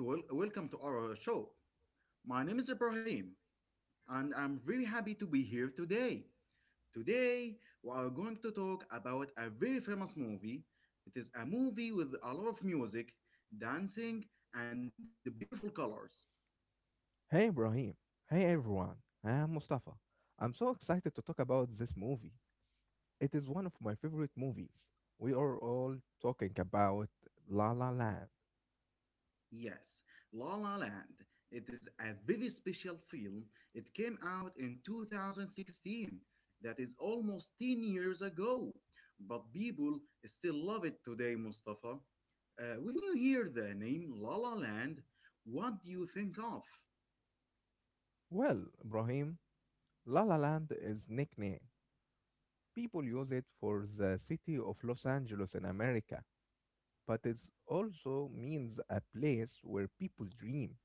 To Welcome to our show. My name is Ibrahim, and I'm very happy to be here today. Today, we are going to talk about a very famous movie. It is a movie with a lot of music, dancing, and beautiful colors. Hey Ibrahim. Hey everyone. I am Mustafa. I'm so excited to talk about this movie. It is one of my favorite movies. We are all talking about La La Land. Yes, La La Land. It is a very special film. It came out in 2016. That is almost 10 years ago. But people still love it today, Mustafa. When you hear the name La La Land, what do you think of? Well, Ibrahim, La La Land is nickname. People use it for the city of Los Angeles in America, but it also means a place where people dream,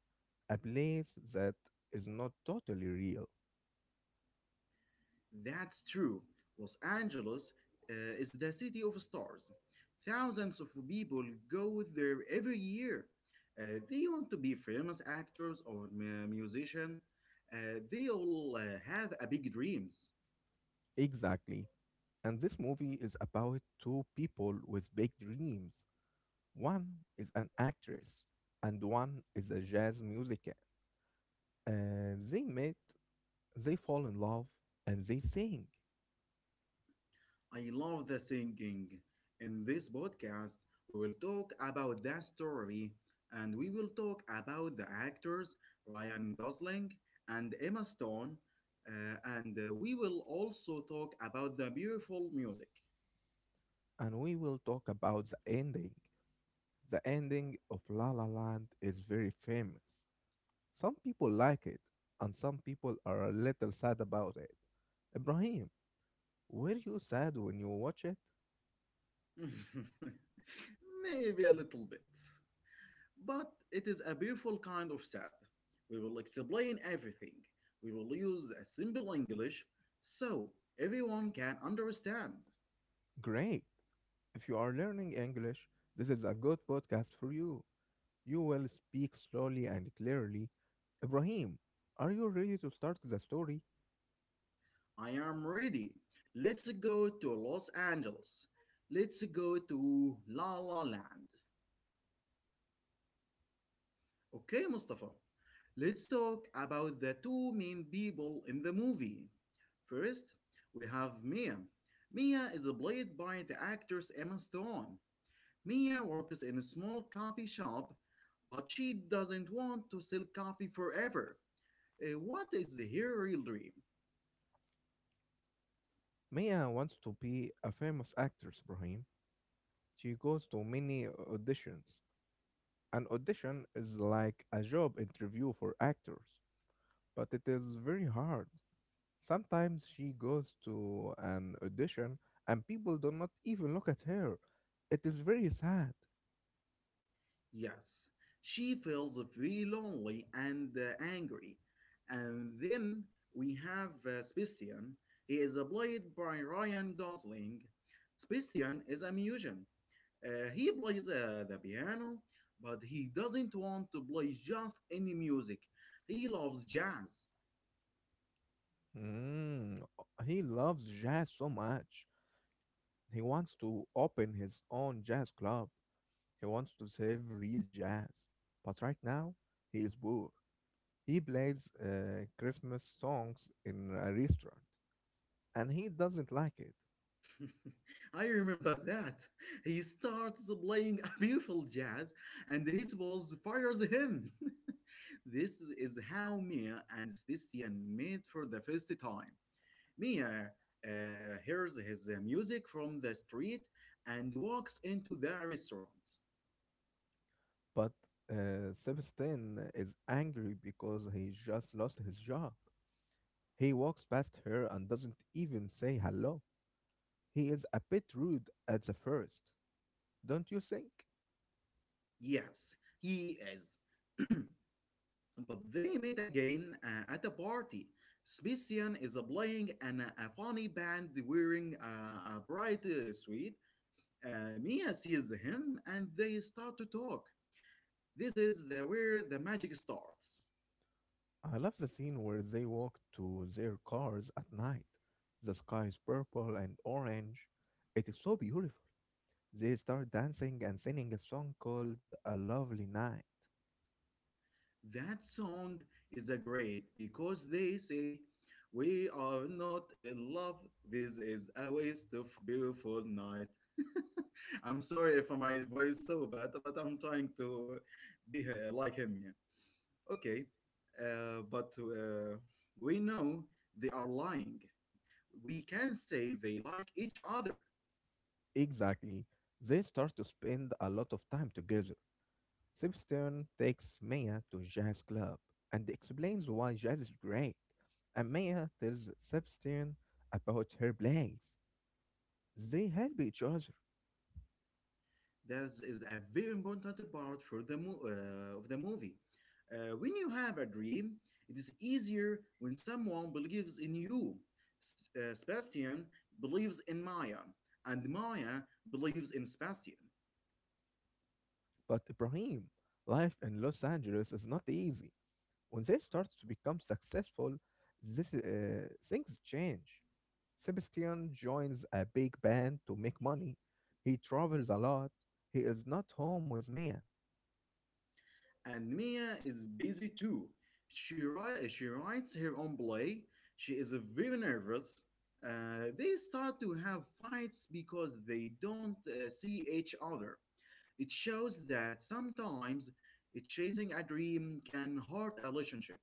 a place that is not totally real. That's true. Los Angeles uh, is the city of stars. Thousands of people go there every year. They want to be famous actors or musician. They all have a big dreams. Exactly. And this movie is about two people with big dreams. One is an actress, and one is a jazz musician. They meet, they fall in love, and they sing. I love the singing. In this podcast, we will talk about the story, and we will talk about the actors Ryan Gosling and Emma Stone, and we will also talk about the beautiful music. And we will talk about the ending. The ending of La La Land is very famous. Some people like it, and some people are a little sad about it. Ibrahim, were you sad when you watch it? Maybe a little bit. But it is a beautiful kind of sad. We will explain everything. We will use a simple English so everyone can understand. Great. If you are learning English, this is a good podcast for you. You will speak slowly and clearly. Ibrahim, are you ready to start the story? I am ready. Let's go to Los Angeles. Let's go to La La Land. Okay, Mustafa. Let's talk about the two main people in the movie. First, we have Mia. Mia is played by the actress Emma Stone. Mia works in a small coffee shop, but she doesn't want to sell coffee forever. What is her real dream? Maya wants to be a famous actress, Ibrahim. She goes to many auditions. An audition is like a job interview for actors, but it is very hard. Sometimes she goes to an audition and people do not even look at her. It is very sad. Yes, she feels very lonely and angry. And then we have Sebastian. He is played by Ryan Gosling. Sebastian is a musician. He plays the piano, but he doesn't want to play just any music. He loves jazz. Mm, he loves jazz so much. He wants to open his own jazz club. He wants to save real jazz, but right now he is poor. He plays Christmas songs in a restaurant, and he doesn't like it. I remember that. He starts playing beautiful jazz and his boss fires him. This is how Mia and Sebastian meet for the first time. Mia uh, hears his music from the street and walks into the restaurant. But Sebastian is angry because he just lost his job. He walks past her and doesn't even say hello. He is a bit rude at the first, don't you think? Yes, he is. But they meet again at a party. Sebastian is playing a funny band wearing a bright suit. Mia sees him and they start to talk. This is where the magic starts. I love the scene where they walk to their cars at night. The sky is purple and orange. It is so beautiful. They start dancing and singing a song called A Lovely Night. That song is a great, because they say, "We are not in love. This is a waste of beautiful night." I'm sorry if my voice is so bad, but I'm trying to be like him here. Okay, but we know they are lying. We can say they like each other. Exactly. They start to spend a lot of time together. Sebastian takes Maya to a jazz club and explains why jazz is great. And Maya tells Sebastian about her plays. They help each other. That is a very important part of the movie. When you have a dream, it is easier when someone believes in you. Sebastian believes in Maya, and Maya believes in Sebastian. But Ibrahim, life in Los Angeles is not easy. When they start to become successful, things change. Sebastian joins a big band to make money. He travels a lot. He is not home with Mia. And Mia is busy too. She writes her own play. She is very nervous. They start to have fights because they don't see each other. It shows that sometimes chasing a dream can hurt a relationship.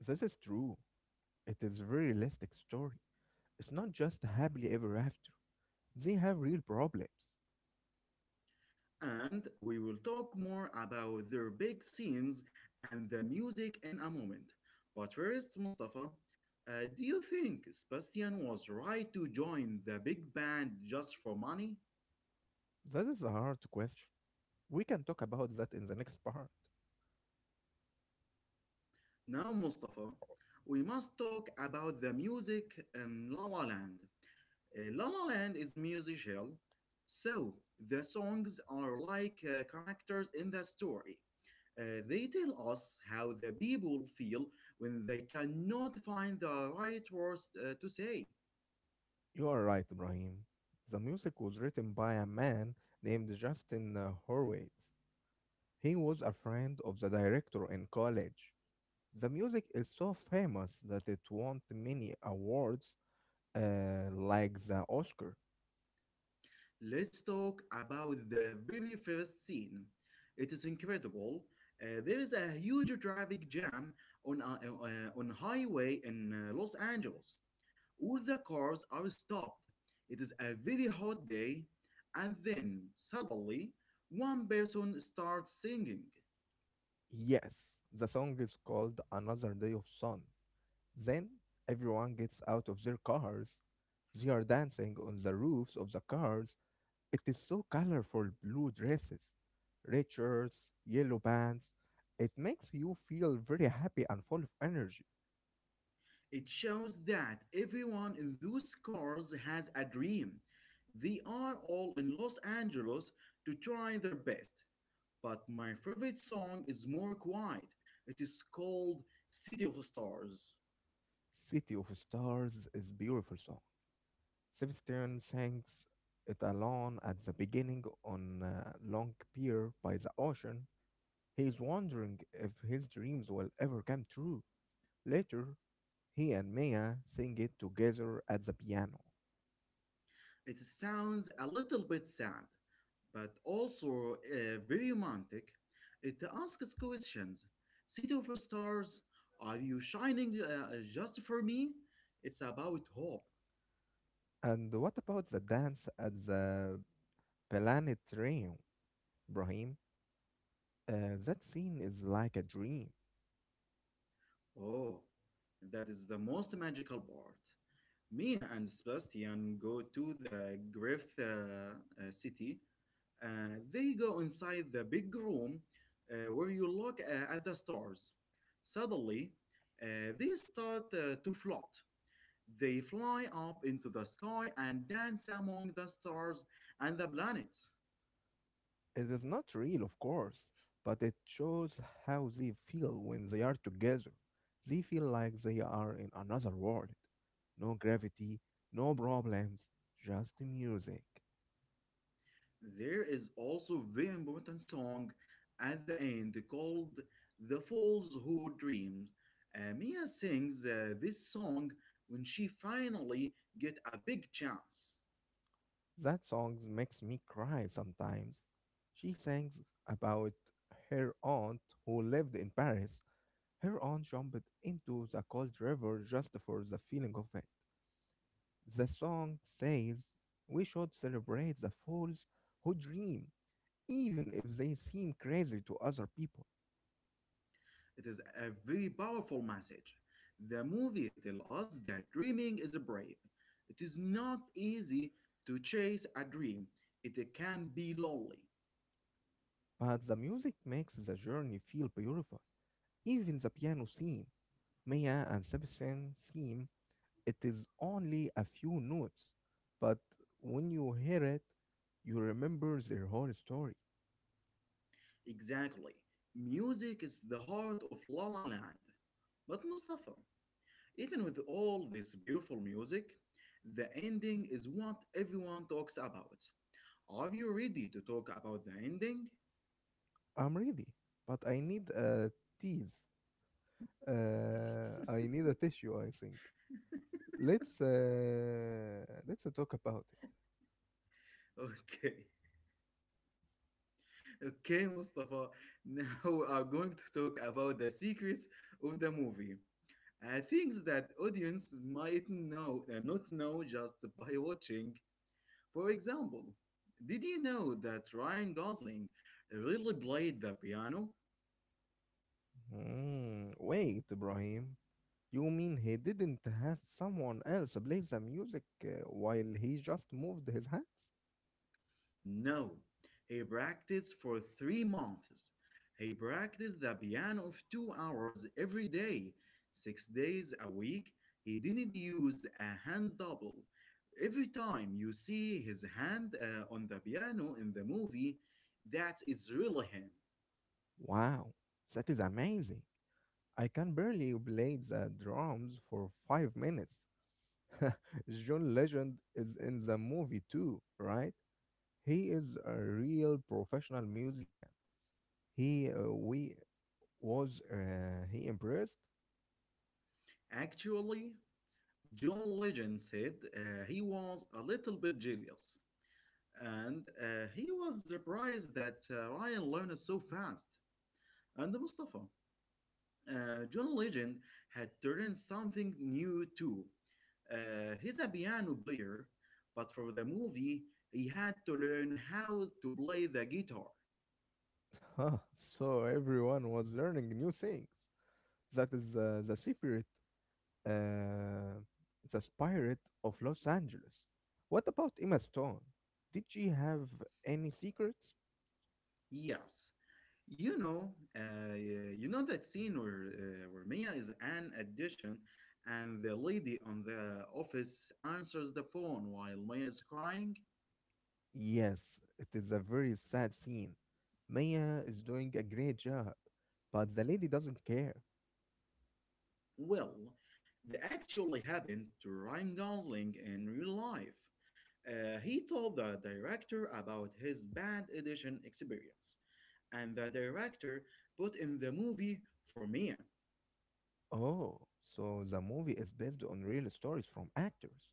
This is true. It is a very realistic story. It's not just happily ever after. They have real problems. And we will talk more about their big scenes and the music in a moment. But first, Mustafa, do you think Sebastian was right to join the big band just for money? That is a hard question. We can talk about that in the next part. Now, Mustafa, we must talk about the music in La La Land. La La Land is musical, so the songs are like characters in the story. They tell us how the people feel when they cannot find the right words to say. You are right, Ibrahim. The music was written by a man named Justin Horwitz. He was a friend of the director in college. The music is so famous that it won many awards, like the Oscar. Let's talk about the very first scene. It is incredible. There is a huge traffic jam on uh, on highway in Los Angeles. All the cars are stopped. It is a very hot day, and then suddenly one person starts singing. Yes, the song is called Another Day of Sun. Then everyone gets out of their cars. They are dancing on the roofs of the cars. It is so colorful blue dresses, red shirts, yellow bands. It makes you feel very happy and full of energy. It shows that everyone in those cars has a dream. They are all in Los Angeles to try their best. But my favorite song is more quiet. It is called City of Stars. City of Stars is beautiful song. Sebastian sings it alone at the beginning on a long pier by the ocean. He is wondering if his dreams will ever come true. Later, he and Mia sing it together at the piano. It sounds a little bit sad, but also very romantic. It asks questions. City of Stars, are you shining just for me? It's about hope. And what about the dance at the Planet Rain, Brahim? That scene is like a dream. Oh, that is the most magical part. Me and Sebastian go to the Griffith city. They go inside the big room where you look at the stars. Suddenly, they start to float. They fly up into the sky and dance among the stars and the planets. It is not real, of course, but it shows how they feel when they are together. They feel like they are in another world. No gravity, no problems, just music. There is also a very important song at the end called "The Fools Who Dream." Mia sings this song when she finally get a big chance. That song makes me cry sometimes. She sings about her aunt who lived in Paris. Her aunt jumped into the cold river just for the feeling of it. The song says we should celebrate the fools who dream, even if they seem crazy to other people. It is a very powerful message. The movie tells us that dreaming is brave. It is not easy to chase a dream, it can be lonely. But the music makes the journey feel beautiful. Even the piano theme, Maya and Sebastian theme, it is only a few notes, but when you hear it, you remember their whole story. Exactly. Music is the heart of La La Land. But Mustafa, even with all this beautiful music, the ending is what everyone talks about. Are you ready to talk about the ending? I'm ready, but I need a tease. I need a tissue, I think. Let's talk about it. Okay. Okay, Mustafa, now we are going to talk about the secrets of the movie. Things that audiences might know not know just by watching. For example, did you know that Ryan Gosling really played the piano? Wait, Ibrahim. You mean he didn't have someone else play the music while he just moved his hands? No, he practiced for 3 months. He practiced the piano of 2 hours every day, 6 days a week. He didn't use a hand double. Every time you see his hand on the piano in the movie, that is really him. Wow, that is amazing. I can barely play the drums for 5 minutes. John Legend is in the movie too, right? He is a real professional musician. He we Was he impressed? Actually, John Legend said he was a little bit jealous, and he was surprised that Ryan learned so fast. And Mustafa, John Legend had turned something new too. He's a piano player, but for the movie, he had to learn how to play the guitar. Huh, so everyone was learning new things. That is the secret, uh, the spirit of Los Angeles. What about Emma Stone? Did she have any secrets? Yes, you know that scene where where Mia is an addition, and the lady on the office answers the phone while Mia is crying. Yes, it is a very sad scene. Maya is doing a great job, but the lady doesn't care. Well, that actually happened to Ryan Gosling in real life. He told the director about his bad audition experience, and the director put in the movie for me. Oh, so the movie is based on real stories from actors.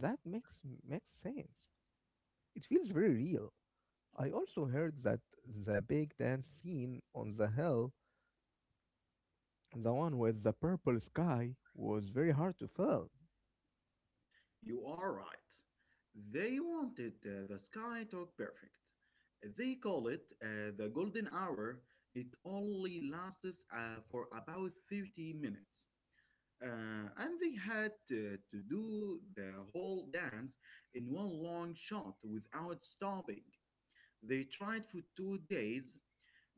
That makes sense. It feels very real. I also heard that the big dance scene on the hill, the one with the purple sky, was very hard to film. You are right. They wanted the sky to look perfect. They call it the golden hour. It only lasts for about 30 minutes. And they had to do the whole dance in one long shot without stopping. They tried for 2 days.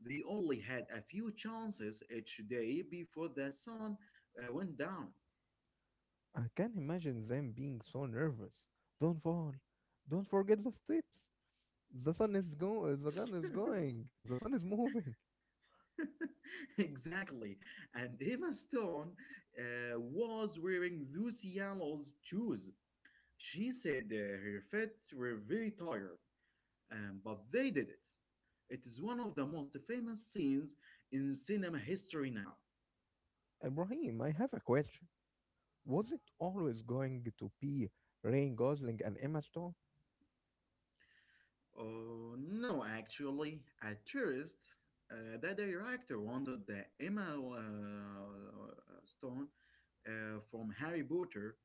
They only had a few chances each day before the sun went down. I can't imagine them being so nervous. Don't fall. Don't forget the steps. The sun is going. The gun is going. The sun is moving. Exactly. And Emma Stone was wearing those yellows shoes. She said her feet were very tired, but they did it. It is one of the most famous scenes in cinema history now. Ibrahim, I have a question. Was it always going to be Ryan Gosling and Emma Stone? Oh, no, actually, at first, the director wanted the Emma uh, Stone from Harry Potter,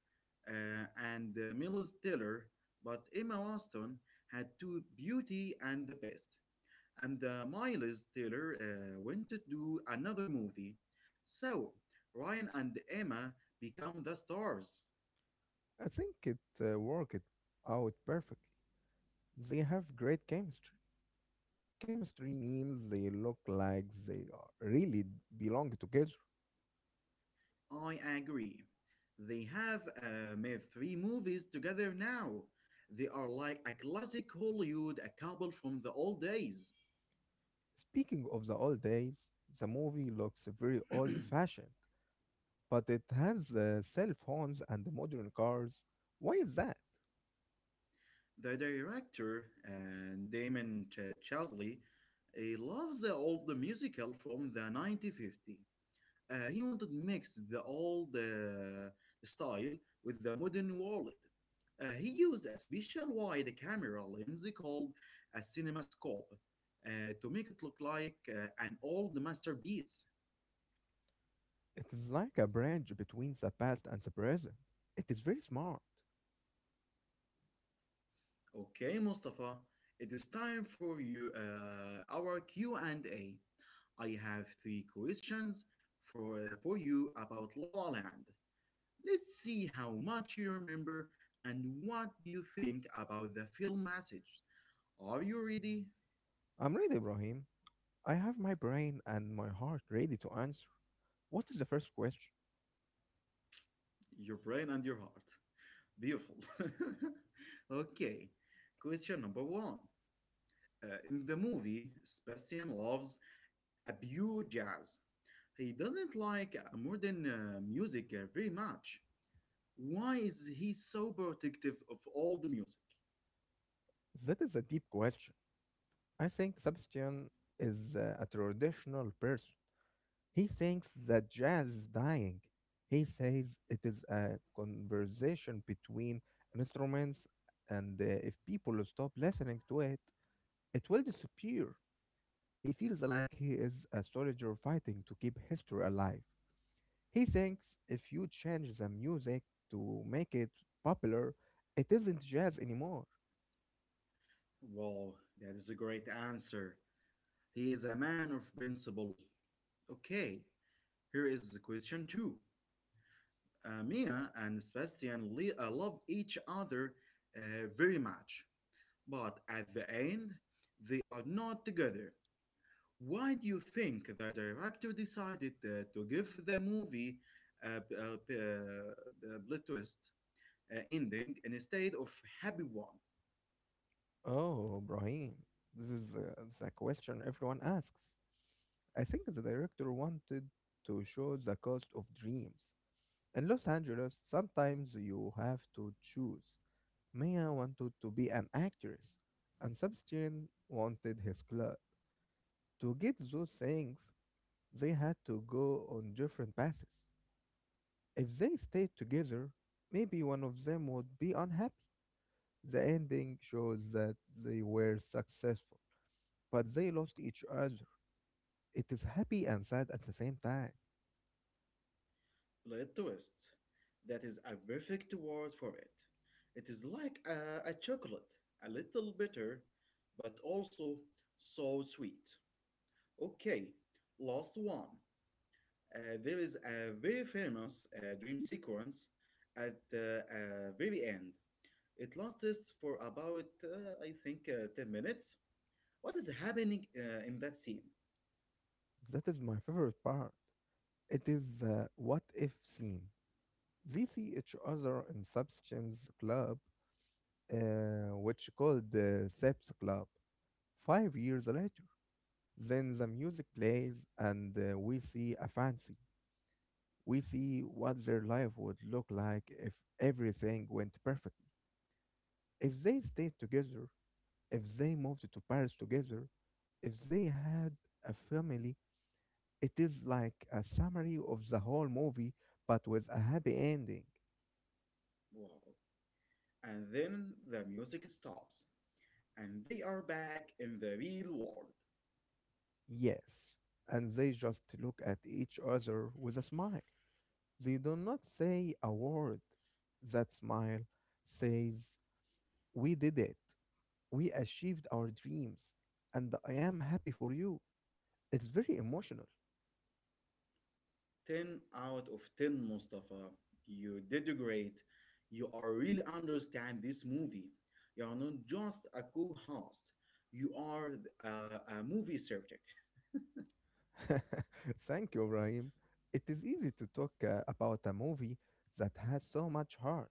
uh, and Miles Teller, but Emma Watson had to Beauty and the Beast. And Miles Teller went to do another movie. So Ryan and Emma become the stars. I think it worked out perfectly. They have great chemistry. Chemistry means they look like really belong together. I agree. They have made three movies together now. They are like a classic Hollywood a couple from the old days. Speaking of the old days, the movie looks very old fashioned, but it has cell phones and modern cars. Why is that? The director, Damon Chazelle, he loves the old musical from the 1950. He wanted to mix the old style with the modern world. He used a special wide camera lens called a cinemascope to make it look like an old masterpiece. It is like a bridge between the past and the present. It is very smart. Okay, Mustafa, it is time for you our Q and A. I have three questions for you about La La Land. Let's see how much you remember and what do you think about the film message. Are you ready? I'm ready, Ibrahim. I have my brain and my heart ready to answer. What is the first question? Your brain and your heart. Beautiful. Okay. Question number one. In the movie, Sebastian loves a pure jazz. He doesn't like modern music very much. Why is he so protective of all the music? That is a deep question. I think Sebastian is a traditional person. He thinks that jazz is dying. He says it is a conversation between instruments, and if people stop listening to it, it will disappear. He feels like he is a soldier fighting to keep history alive. He thinks if you change the music to make it popular, it isn't jazz anymore. Wow, that is a great answer. He is a man of principle. Okay, here is question two. Mia and Sebastian love each other very much, but at the end, they are not together. Why do you think the director decided to give the movie a, a, a twist ending instead of happy one? Oh, Brahim, this is the question everyone asks. I think the director wanted to show the cost of dreams. In Los Angeles, sometimes you have to choose. Mia wanted to be an actress, and Sebastian wanted his club. To get those things, they had to go on different paths. If they stayed together, maybe one of them would be unhappy. The ending shows that they were successful, but they lost each other. It is happy and sad at the same time. Plot twist. That is a perfect word for it. It is like a chocolate, a little bitter, but also so sweet. Okay, last one. There is a very famous dream sequence at the very end. It lasts for about, I think, 10 minutes. What is happening in that scene? That is my favorite part. It is the what if scene. They see each other in Substance Club, which called the Seps Club, 5 years later. Then the music plays, and we see a fancy. We see what their life would look like if everything went perfectly. If they stayed together, if they moved to Paris together, if they had a family, it is like a summary of the whole movie, but with a happy ending. Wow. And then the music stops, and they are back in the real world. Yes, and they just look at each other with a smile. They do not say a word. That smile says, we did it. We achieved our dreams. And I am happy for you. It's very emotional. 10 out of 10, Mustafa. You did great. You are really understand this movie. You are not just a co-host. You are a movie subject. Thank you, Ibrahim. It is easy to talk about a movie that has so much heart.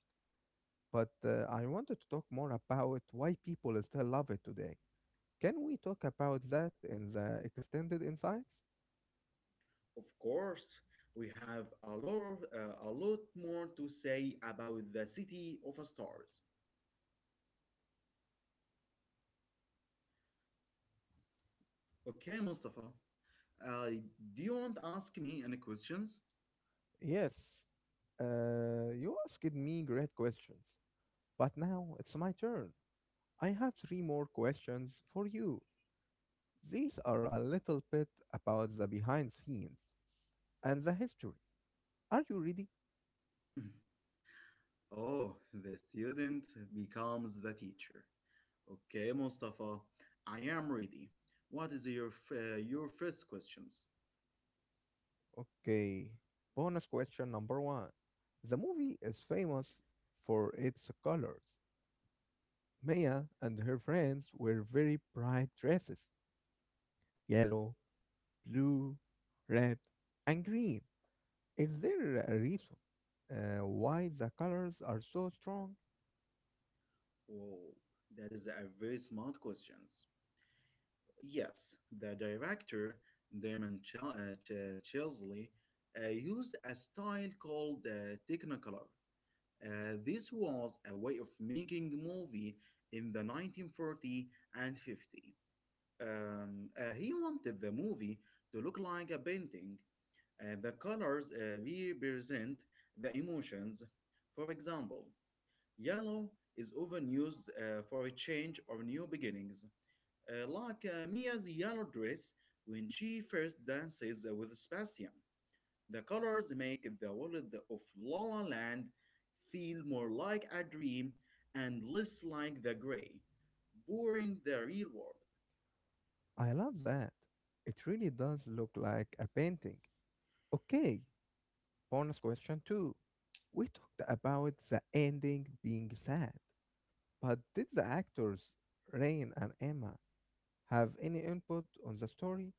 But I wanted to talk more about why people still love it today. Can we talk about that in the extended insights? Of course, we have a lot more to say about the City of Stars. Okay, Mustafa. Uh, do you want to ask me any questions? Yes, you asked me great questions, but now it's my turn. I have three more questions for you. These are a little bit about the behind scenes and the history. Are you ready? Oh, the student becomes the teacher. Okay, Mustafa, I am ready. What is your your first questions? Okay, bonus question number one. The movie is famous for its colors. Maya and her friends wear very bright dresses, yellow, blue, red, and green. Is there a reason why the colors are so strong? Whoa, that is a very smart questions. Yes, the director Damon Chesley used a style called Technicolor. This was a way of making movie in the 1940 and 50. He wanted the movie to look like a painting, and the colors represent the emotions. For example, yellow is often used for a change or new beginnings, like Mia's yellow dress when she first dances with Sebastian. The colors make the world of La La Land feel more like a dream and less like the gray, boring the real world. I love that. It really does look like a painting. Okay, bonus question two. We talked about the ending being sad, but did the actors Rain and Emma have any input on the story?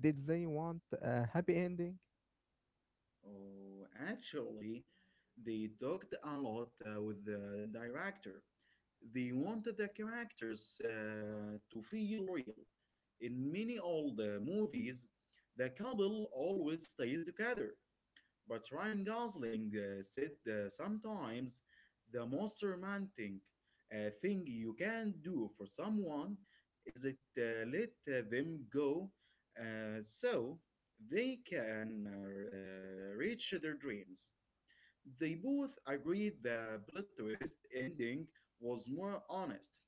Did they want a happy ending? Oh, actually, they talked a lot with the director. They wanted the characters to feel real. In many old movies, the couple always stays together. But Ryan Gosling said sometimes the most romantic thing you can do for someone is it let them go so they can reach their dreams. They both agreed the plot twist ending was more honest.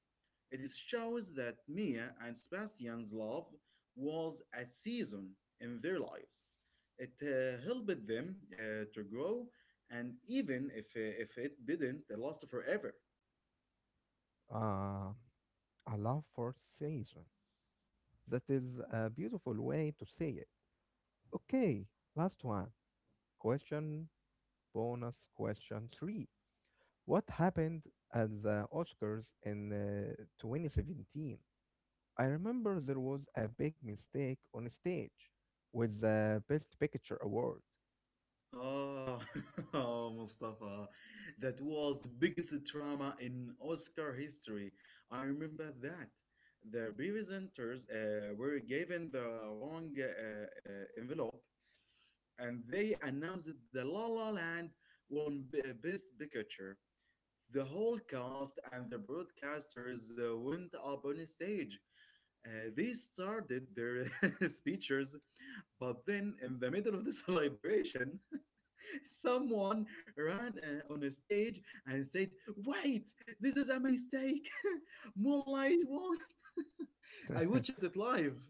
It shows that Mia and Sebastian's love was a season in their lives. It helped them to grow, and even if it didn't last forever. Uh, I love fourth season. That is a beautiful way to say it. Okay, last one. Question bonus question three. What happened at the Oscars in 2017? I remember there was a big mistake on stage with the Best Picture award. Oh, oh, Mustafa, that was biggest drama in Oscar history. I remember that. The presenters were given the wrong envelope, and they announced the La La Land won Best Picture. The whole cast and the broadcasters went up on stage. They started their speeches, but then in the middle of the celebration, someone ran on a stage and said, "Wait, this is a mistake. Moonlight won." I watched it live.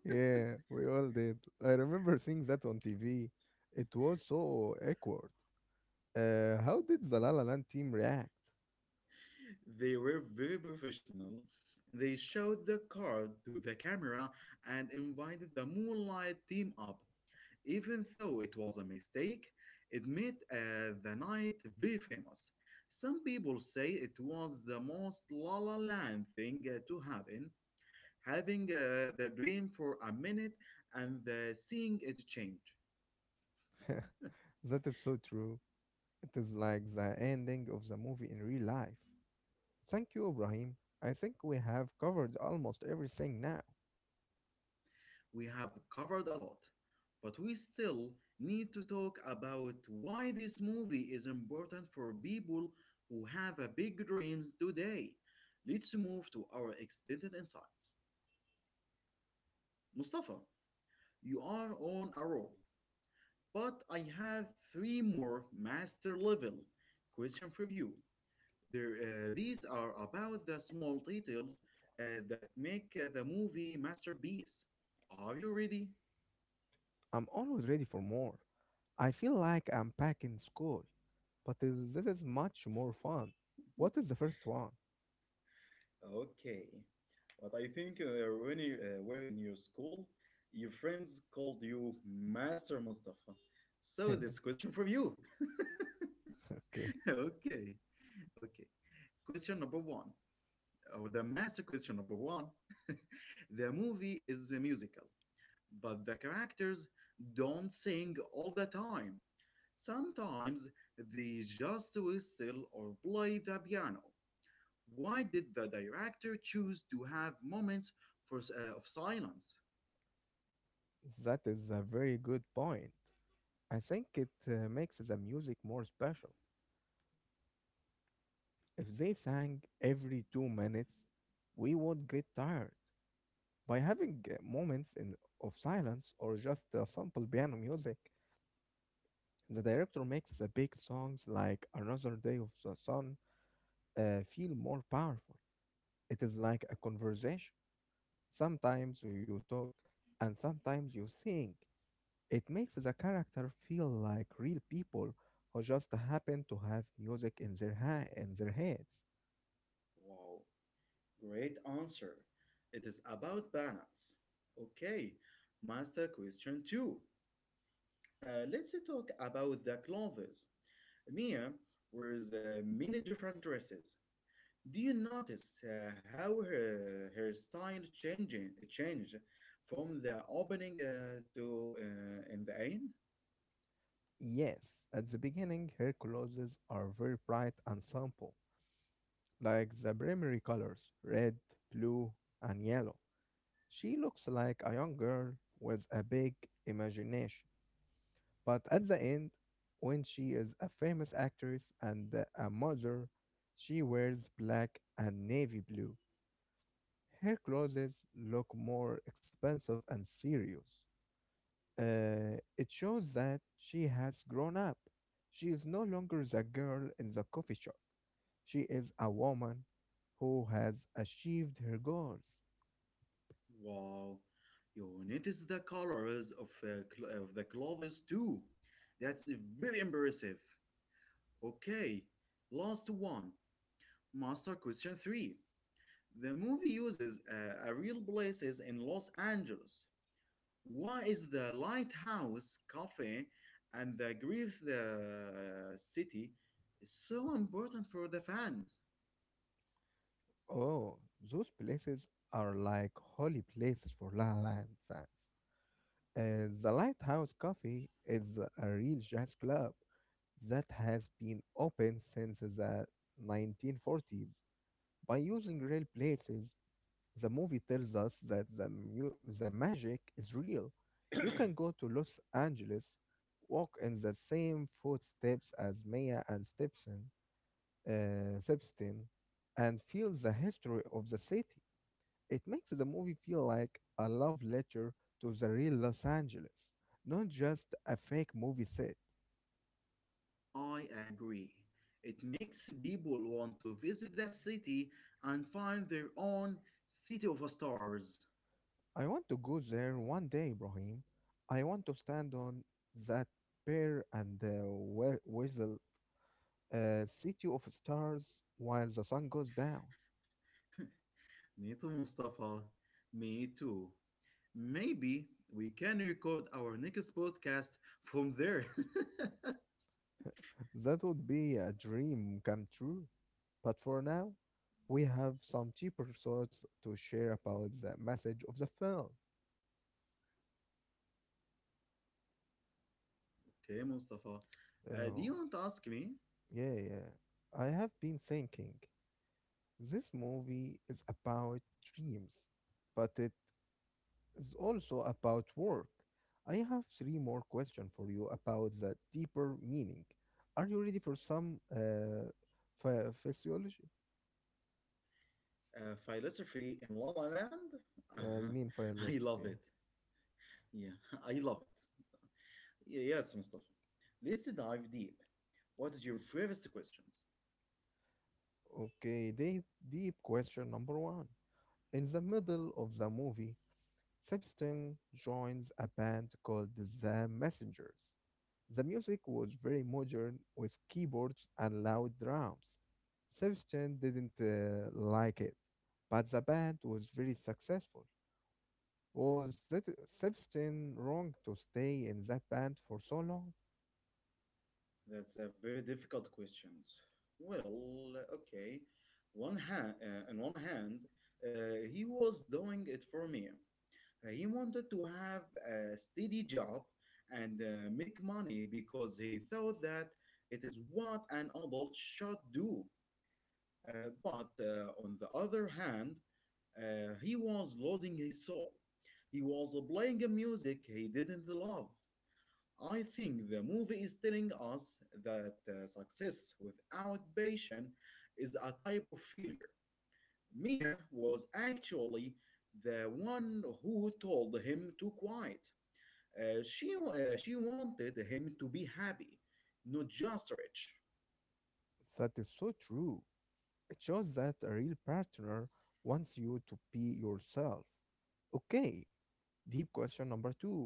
Yeah, we all did. I remember seeing that on TV. It was so awkward. How did the La La Land team react? They were very professional. They showed the card to the camera and invited the Moonlight team up. Even though it was a mistake, it made the night very famous. Some people say it was the most La La Land thing to happen, having the dream for a minute and seeing it change. That is so true. It is like the ending of the movie in real life. Thank you, Ibrahim. I think we have covered almost everything now. We have covered a lot, but we still need to talk about why this movie is important for people who have a big dreams today. Let's move to our extended insights. Mustafa, you are on a roll, but I have three more master level questions for you. These are about the small details that make the movie masterpiece. Are you ready? I'm always ready for more. I feel like I'm back in school, but this is much more fun. What is the first one? Okay. But I think when you were in your school, your friends called you Master Mustafa. Okay, So this question from you. Okay. Okay. Question number one, or the master question number one. The movie is a musical, but the characters don't sing all the time. Sometimes they just whistle or play the piano. Why did the director choose to have moments of silence? that is a very good point. I think it makes the music more special. If they sang every 2 minutes, we would get tired. By having of silence or just simple piano music, the director makes the big songs like Another Day of the Sun feel more powerful. It is like a conversation. Sometimes you talk and sometimes you think. It makes the character feel like real people who just happen to have music in in their heads. Wow, great answer. It is about balance. Okay, master question two. Let's talk about the clothes. Mia wears many different dresses. Do you notice how her style changing changed from the opening to in the end? Yes, at the beginning her clothes are very bright and simple, like the primary colors, red, blue, and yellow. She looks like a young girl with a big imagination. But at the end, when she is a famous actress and a mother, she wears black and navy blue. Her clothes look more expensive and serious. It shows that she has grown up. She is no longer the girl in the coffee shop. She is a woman who has achieved her goals. Wow, you notice the colors of, the clothes too. That's very impressive. Okay, last one. Master question 3. The movie uses a real places in Los Angeles. Why is the Lighthouse Cafe and the Grief the City so important for the fans? Oh, those places are like holy places for La La Land fans. The Lighthouse Coffee is a real jazz club that has been open since the 1940s. By using real places, the movie tells us that the magic is real. You can go to Los Angeles, walk in the same footsteps as Maya and Stepson, Stepstein, and feel the history of the city. It makes the movie feel like a love letter to the real Los Angeles, not just a fake movie set. I agree. It makes people want to visit the city and find their own city of stars. I want to go there one day, Ibrahim. I want to stand on that pear and whistle a city of stars while the sun goes down. Me too, Mustafa. Me too. Maybe we can record our next podcast from there. That would be a dream come true. But for now, we have some deeper thoughts to share about the message of the film. Okay, Mustafa. Do Oh, you want to ask me yeah, yeah. I have been thinking. This movie is about dreams, but it's is also about work. I have 3 more questions for you about the deeper meaning. Are you ready for some physiology? Philosophy in La La Land? I mean I philosophy. love Yeah? it. Yeah, I love it. Yes, Mustafa. Let's dive deep. What is your first questions? Okay, deep question number one. In the middle of the movie, Sebastian joins a band called the Messengers. The music was very modern with keyboards and loud drums. Sebastian didn't like it, but the band was very successful. Was that Sebastian wrong to stay in that band for so long? That's a very difficult questions. Well, okay. On one hand, he was doing it for me. He wanted to have a steady job and make money because he thought that it is what an adult should do. But on the other hand, he was losing his soul. He was playing a music he didn't love. I think the movie is telling us that success without passion is a type of failure. Mia was actually the one who told him to quiet. She wanted him to be happy, not just rich. That is so true. It shows that a real partner wants you to be yourself. Okay, deep question number two.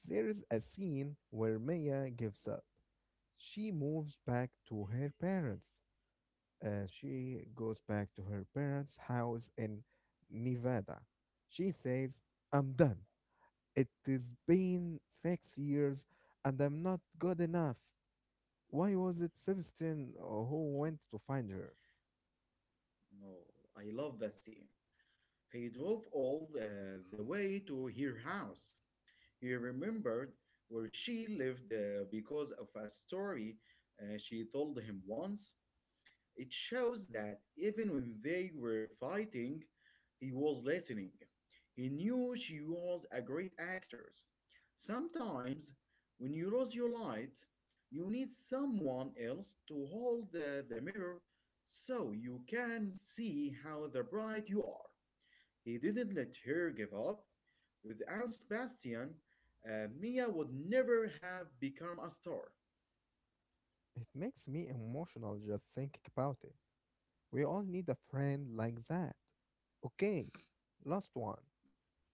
There is a scene where Maya gives up. She moves back to her parents. She goes back to her parents' house in Nevada. She says, I'm done. It has been 6 years and I'm not good enough. Why was it Sebastian who went to find her? Oh, I love that scene. He drove all the way to her house. He remembered where she lived because of a story she told him once. It shows that even when they were fighting, he was listening. He knew she was a great actress. Sometimes, when you lose your light, you need someone else to hold the mirror so you can see how the bright you are. He didn't let her give up. Without Sebastian, Mia would never have become a star. It makes me emotional just thinking about it. We all need a friend like that. Okay, last one.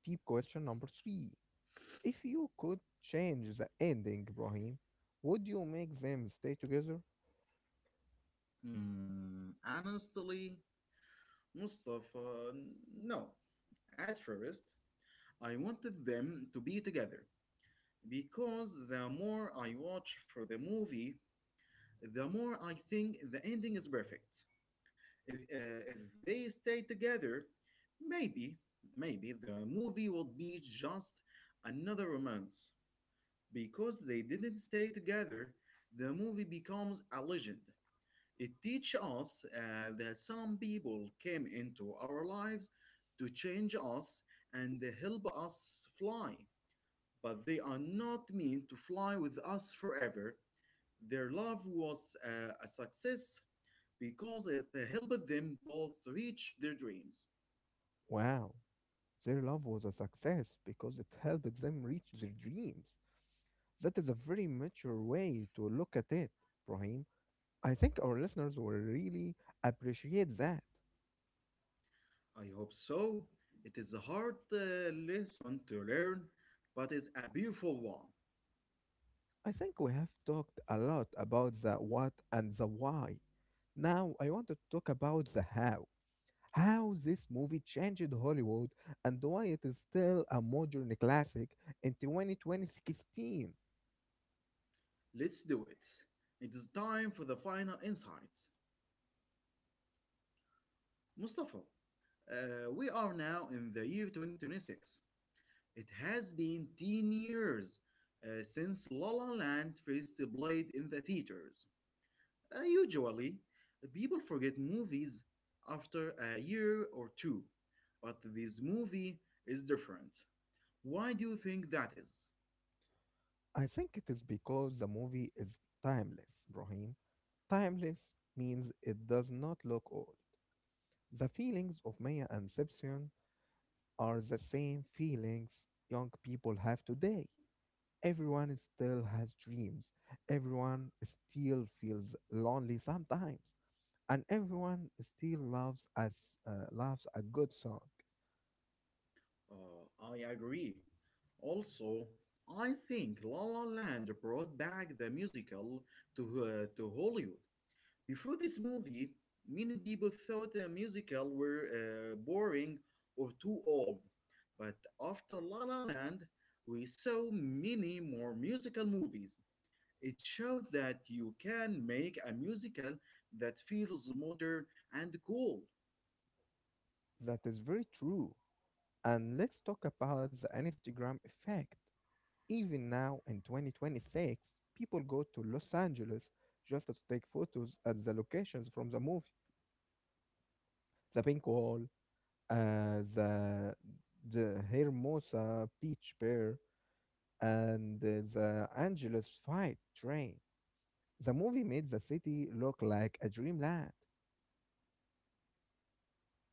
Deep question number three. If you could change the ending, Ibrahim, would you make them stay together? Mm, honestly, Mustafa, no. At first, I wanted them to be together because the more I watch for the movie, the more I think the ending is perfect. If they stay together, maybe, maybe the movie would be just another romance. Because they didn't stay together, the movie becomes a legend. It teaches us that some people came into our lives to change us and help us fly, but they are not meant to fly with us forever. Their love was a success because it helped them both reach their dreams. Wow, their love was a success because it helped them reach their dreams. That is a very mature way to look at it, Brahim. I think our listeners will really appreciate that. I hope so. It is a hard lesson to learn, but it's a beautiful one. I think we have talked a lot about the what and the why. Now I want to talk about the how this movie changed Hollywood and why it is still a modern classic in 2020. Let's do it. It is time for the final insight. Mustafa, we are now in the year 2026. It has been 10 years since La La Land first played in the theaters. Usually, people forget movies after a year or two, but this movie is different. Why do you think that is? I think it is because the movie is timeless, Brahim. Timeless means it does not look old. The feelings of Maya and Simpson are the same feelings young people have today. Everyone still has dreams. Everyone still feels lonely sometimes, and everyone still loves a good song. I agree. Also, I think La La Land brought back the musical to Hollywood. Before this movie, many people thought the musical were boring or too old. But after La La Land, we saw many more musical movies. It showed that you can make a musical that feels modern and cool. That is very true. And let's talk about the Instagram effect. Even now in 2026, people go to Los Angeles just to take photos at the locations from the movie. The Pink Wall, uh, the, the Hermosa Beach Pier, and the Angeles Fight Train. The movie made the city look like a dreamland.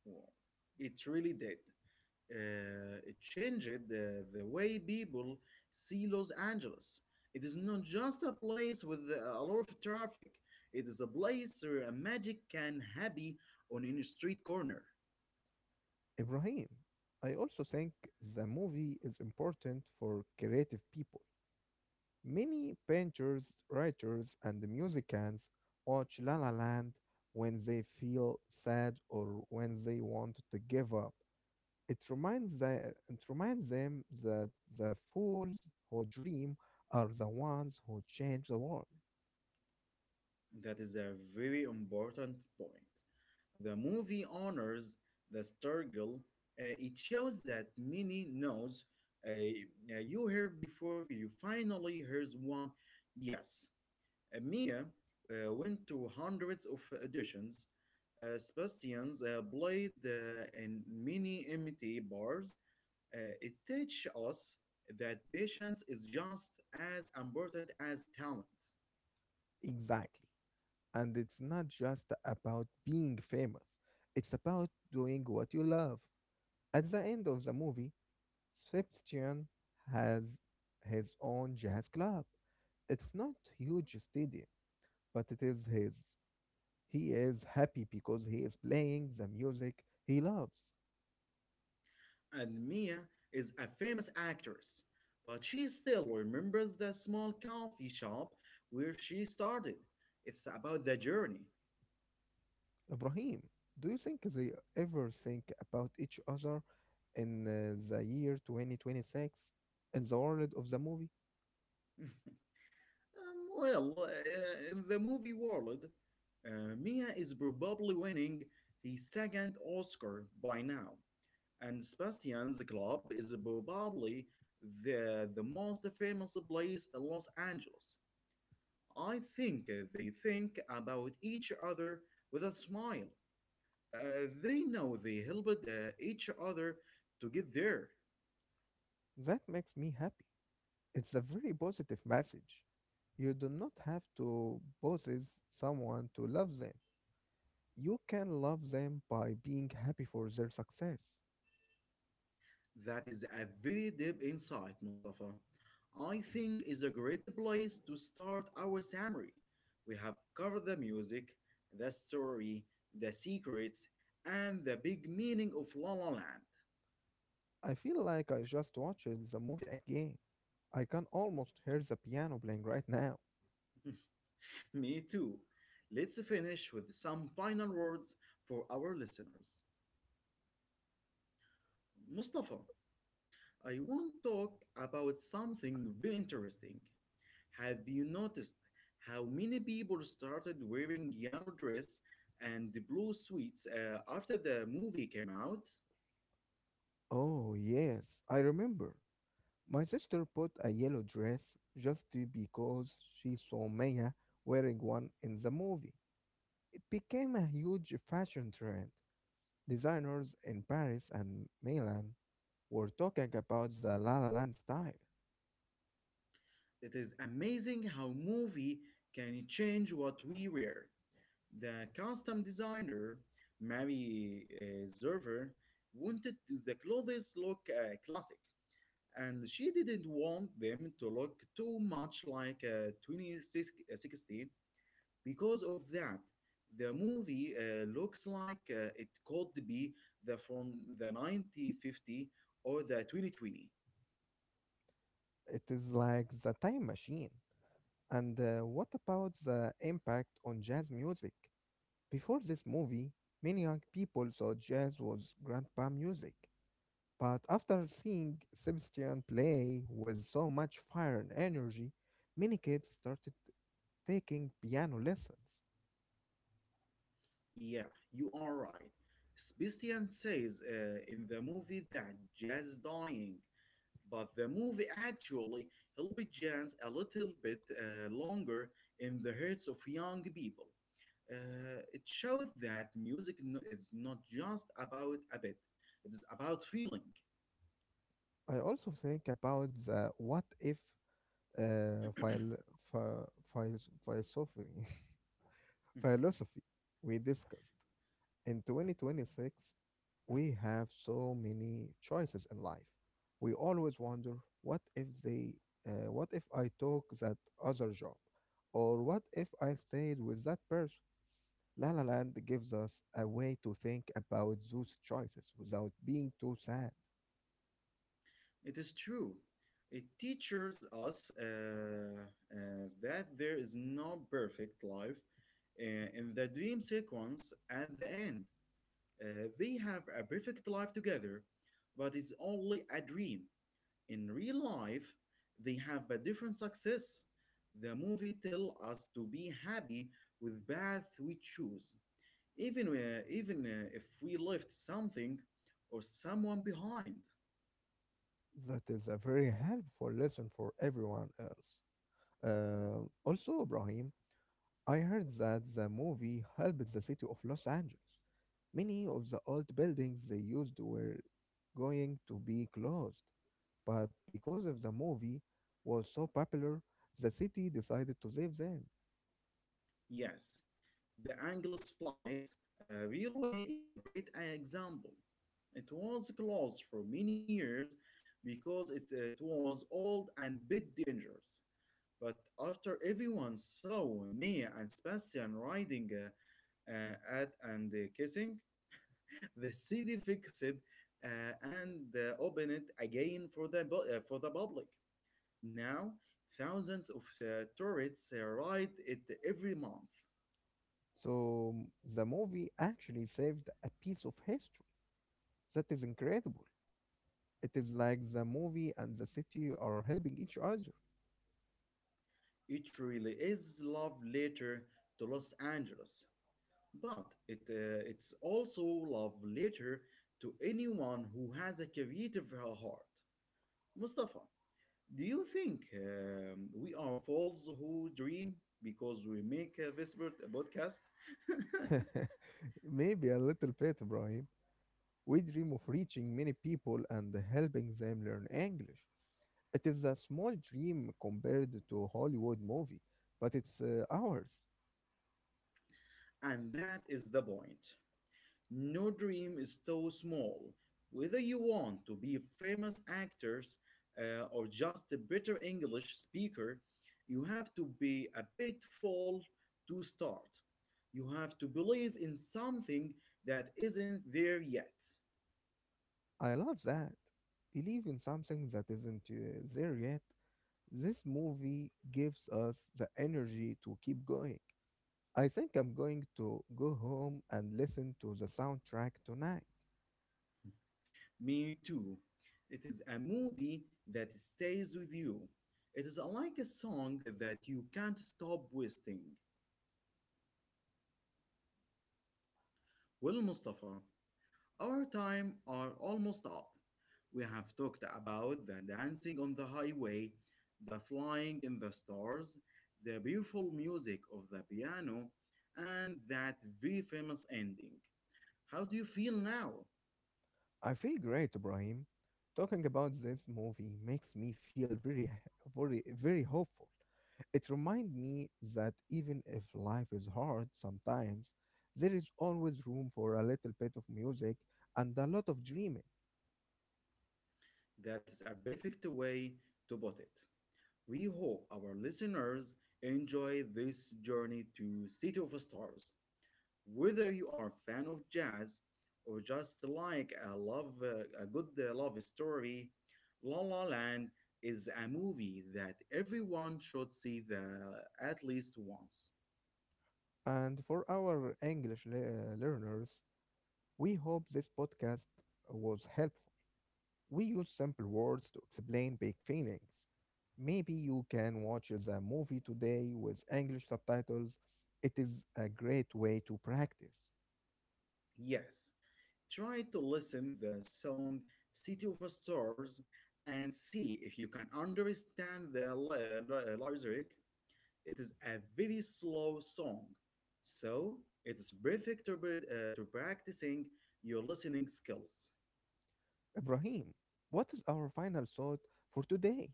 Wow. It really did. It changed the way people see Los Angeles. It is not just a place with a lot of traffic. It is a place where a magic can happen on any street corner. Ibrahim, I also think the movie is important for creative people. Many painters, writers, and musicians watch La La Land when they feel sad or when they want to give up. It reminds them that the fools who dream are the ones who change the world. That is a very important point. The movie honors the struggle. It shows that many knows uh, you hear before you finally hears one yes. Mia went to hundreds of auditions. Sebastian's played in many MT bars. It teaches us that patience is just as important as talent. Exactly. And it's not just about being famous, it's about doing what you love. At the end of the movie, Sebastian has his own jazz club. It's not huge stadium, but it is his. He is happy because he is playing the music he loves. And Mia is a famous actress, but she still remembers the small coffee shop where she started. It's about the journey. Ibrahim, do you think they ever think about each other in the year 2026 in the world of the movie? Well, in the movie world, Mia is probably winning his second Oscar by now, and Sebastian's Club is probably the most famous place in Los Angeles. I think they think about each other with a smile. They know they helped each other to get there. That makes me happy. It's a very positive message. You do not have to possess someone to love them. You can love them by being happy for their success. That is a very deep insight, Mustafa. I think is a great place to start our summary. We have covered the music, the story, the secrets, and the big meaning of La La Land. I feel like I just watched the movie again. I can almost hear the piano playing right now. Me too. Let's finish with some final words for our listeners. Mustafa, I want to talk about something very interesting. Have you noticed how many people started wearing yellow dress and the blue suits after the movie came out? Oh, yes, I remember. My sister put a yellow dress because she saw Maya wearing one in the movie. It became a huge fashion trend. Designers in Paris and Milan we're talking about the La La Land style. It is amazing how movie can change what we wear. The costume designer, Mary Zerver, wanted the clothes look classic, and she didn't want them to look too much like 2016. Because of that, the movie looks like it could be the from the 1950 or the 2020. It is like the time machine. And what about the impact on jazz music? Before this movie, many young people thought jazz was grandpa music. But after seeing Sebastian play with so much fire and energy, many kids started taking piano lessons. Yeah, you are right. Sebastian says in the movie that Jazz is dying, but the movie actually helped Jazz a little bit longer in the hearts of young people. It showed that music is not just about a bit, it is about feeling. I also think about the what if uh, phil- ph- phil philosophy, philosophy we discussed. In 2026, we have so many choices in life. We always wonder what if they, what if I took that other job, or what if I stayed with that person. La La Land gives us a way to think about those choices without being too sad. It is true. It teaches us that there is no perfect life uh, in the dream sequence at the end. They have a perfect life together, but it's only a dream. In real life, they have a different success. The movie tells us to be happy with path we choose, even if we left something or someone behind. That is a very helpful lesson for everyone else. Also, Ibrahim, I heard that the movie helped the city of Los Angeles. Many of the old buildings they used were going to be closed, but because of the movie was so popular, the city decided to save them. Yes, the Angeles Flight Railway is a great example. It was closed for many years because it was old and bit dangerous. But after everyone saw me and Sebastian riding at and kissing, the city fixed it and opened it again for for the public. Now, thousands of tourists ride it every month. So m- the movie actually saved a piece of history. That is incredible. It is like the movie and the city are helping each other. It really is love letter to Los Angeles, but it's also love letter to anyone who has a creative heart. Mustafa, do you think we are fools who dream because we make this podcast? Maybe a little bit, Ibrahim. We dream of reaching many people and helping them learn English. It is a small dream compared to a Hollywood movie, but it's ours. And that is the point. No dream is too small. Whether you want to be famous actors or just a better English speaker, you have to be a bit full to start. You have to believe in something that isn't there yet. I love that. Believe in something that isn't there yet. This movie gives us the energy to keep going. I think I'm going to go home and listen to the soundtrack tonight. Me too. It is a movie that stays with you. It is like a song that you can't stop whistling. Well, Mustafa, our time are almost up. We have talked about the dancing on the highway, the flying in the stars, the beautiful music of the piano, and that very famous ending. How do you feel now? I feel great, Ibrahim. Talking about this movie makes me feel very, very hopeful. It reminds me that even if life is hard sometimes, there is always room for a little bit of music and a lot of dreaming. That is a perfect way to put it. We hope our listeners enjoy this journey to City of Stars. Whether you are a fan of jazz or just like a love a good love story, La La Land is a movie that everyone should see the at least once. And for our English learners, we hope this podcast was helpful. We use simple words to explain big feelings. Maybe you can watch the movie today with English subtitles. It is a great way to practice. Yes, try to listen the song City of Stars and see if you can understand the lyric. It is a very slow song, so it is perfect to practicing your listening skills. Ibrahim, what is our final thought for today?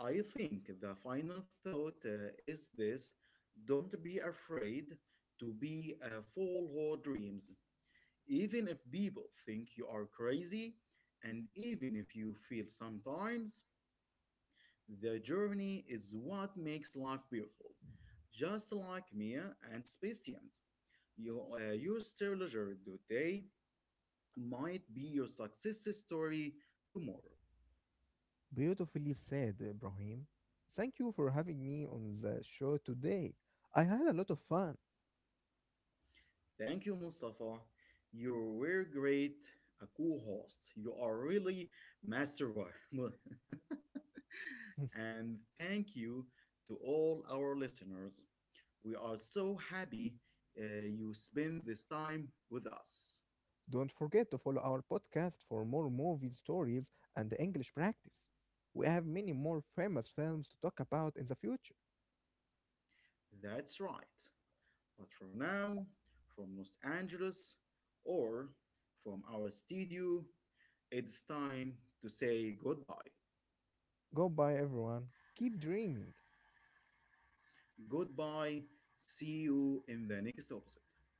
I think the final thought is this: don't be afraid to be a fool who dreams. Even if people think you are crazy, and even if you feel sometimes, the journey is what makes life beautiful. Just like Mia and Sebastian, you're still leisure today might be your success story tomorrow. Beautifully said, Ibrahim. Thank you for having me on the show today. I had a lot of fun. Thank you, Mustafa. You were great, a cool host. You are really master one. And thank you to all our listeners. We are so happy you spend this time with us. Don't forget to follow our podcast for more movie stories and English practice. We have many more famous films to talk about in the future. That's right. But for now, from Los Angeles or from our studio, it's time to say goodbye. Goodbye everyone, keep dreaming! Goodbye. See you in the next episode.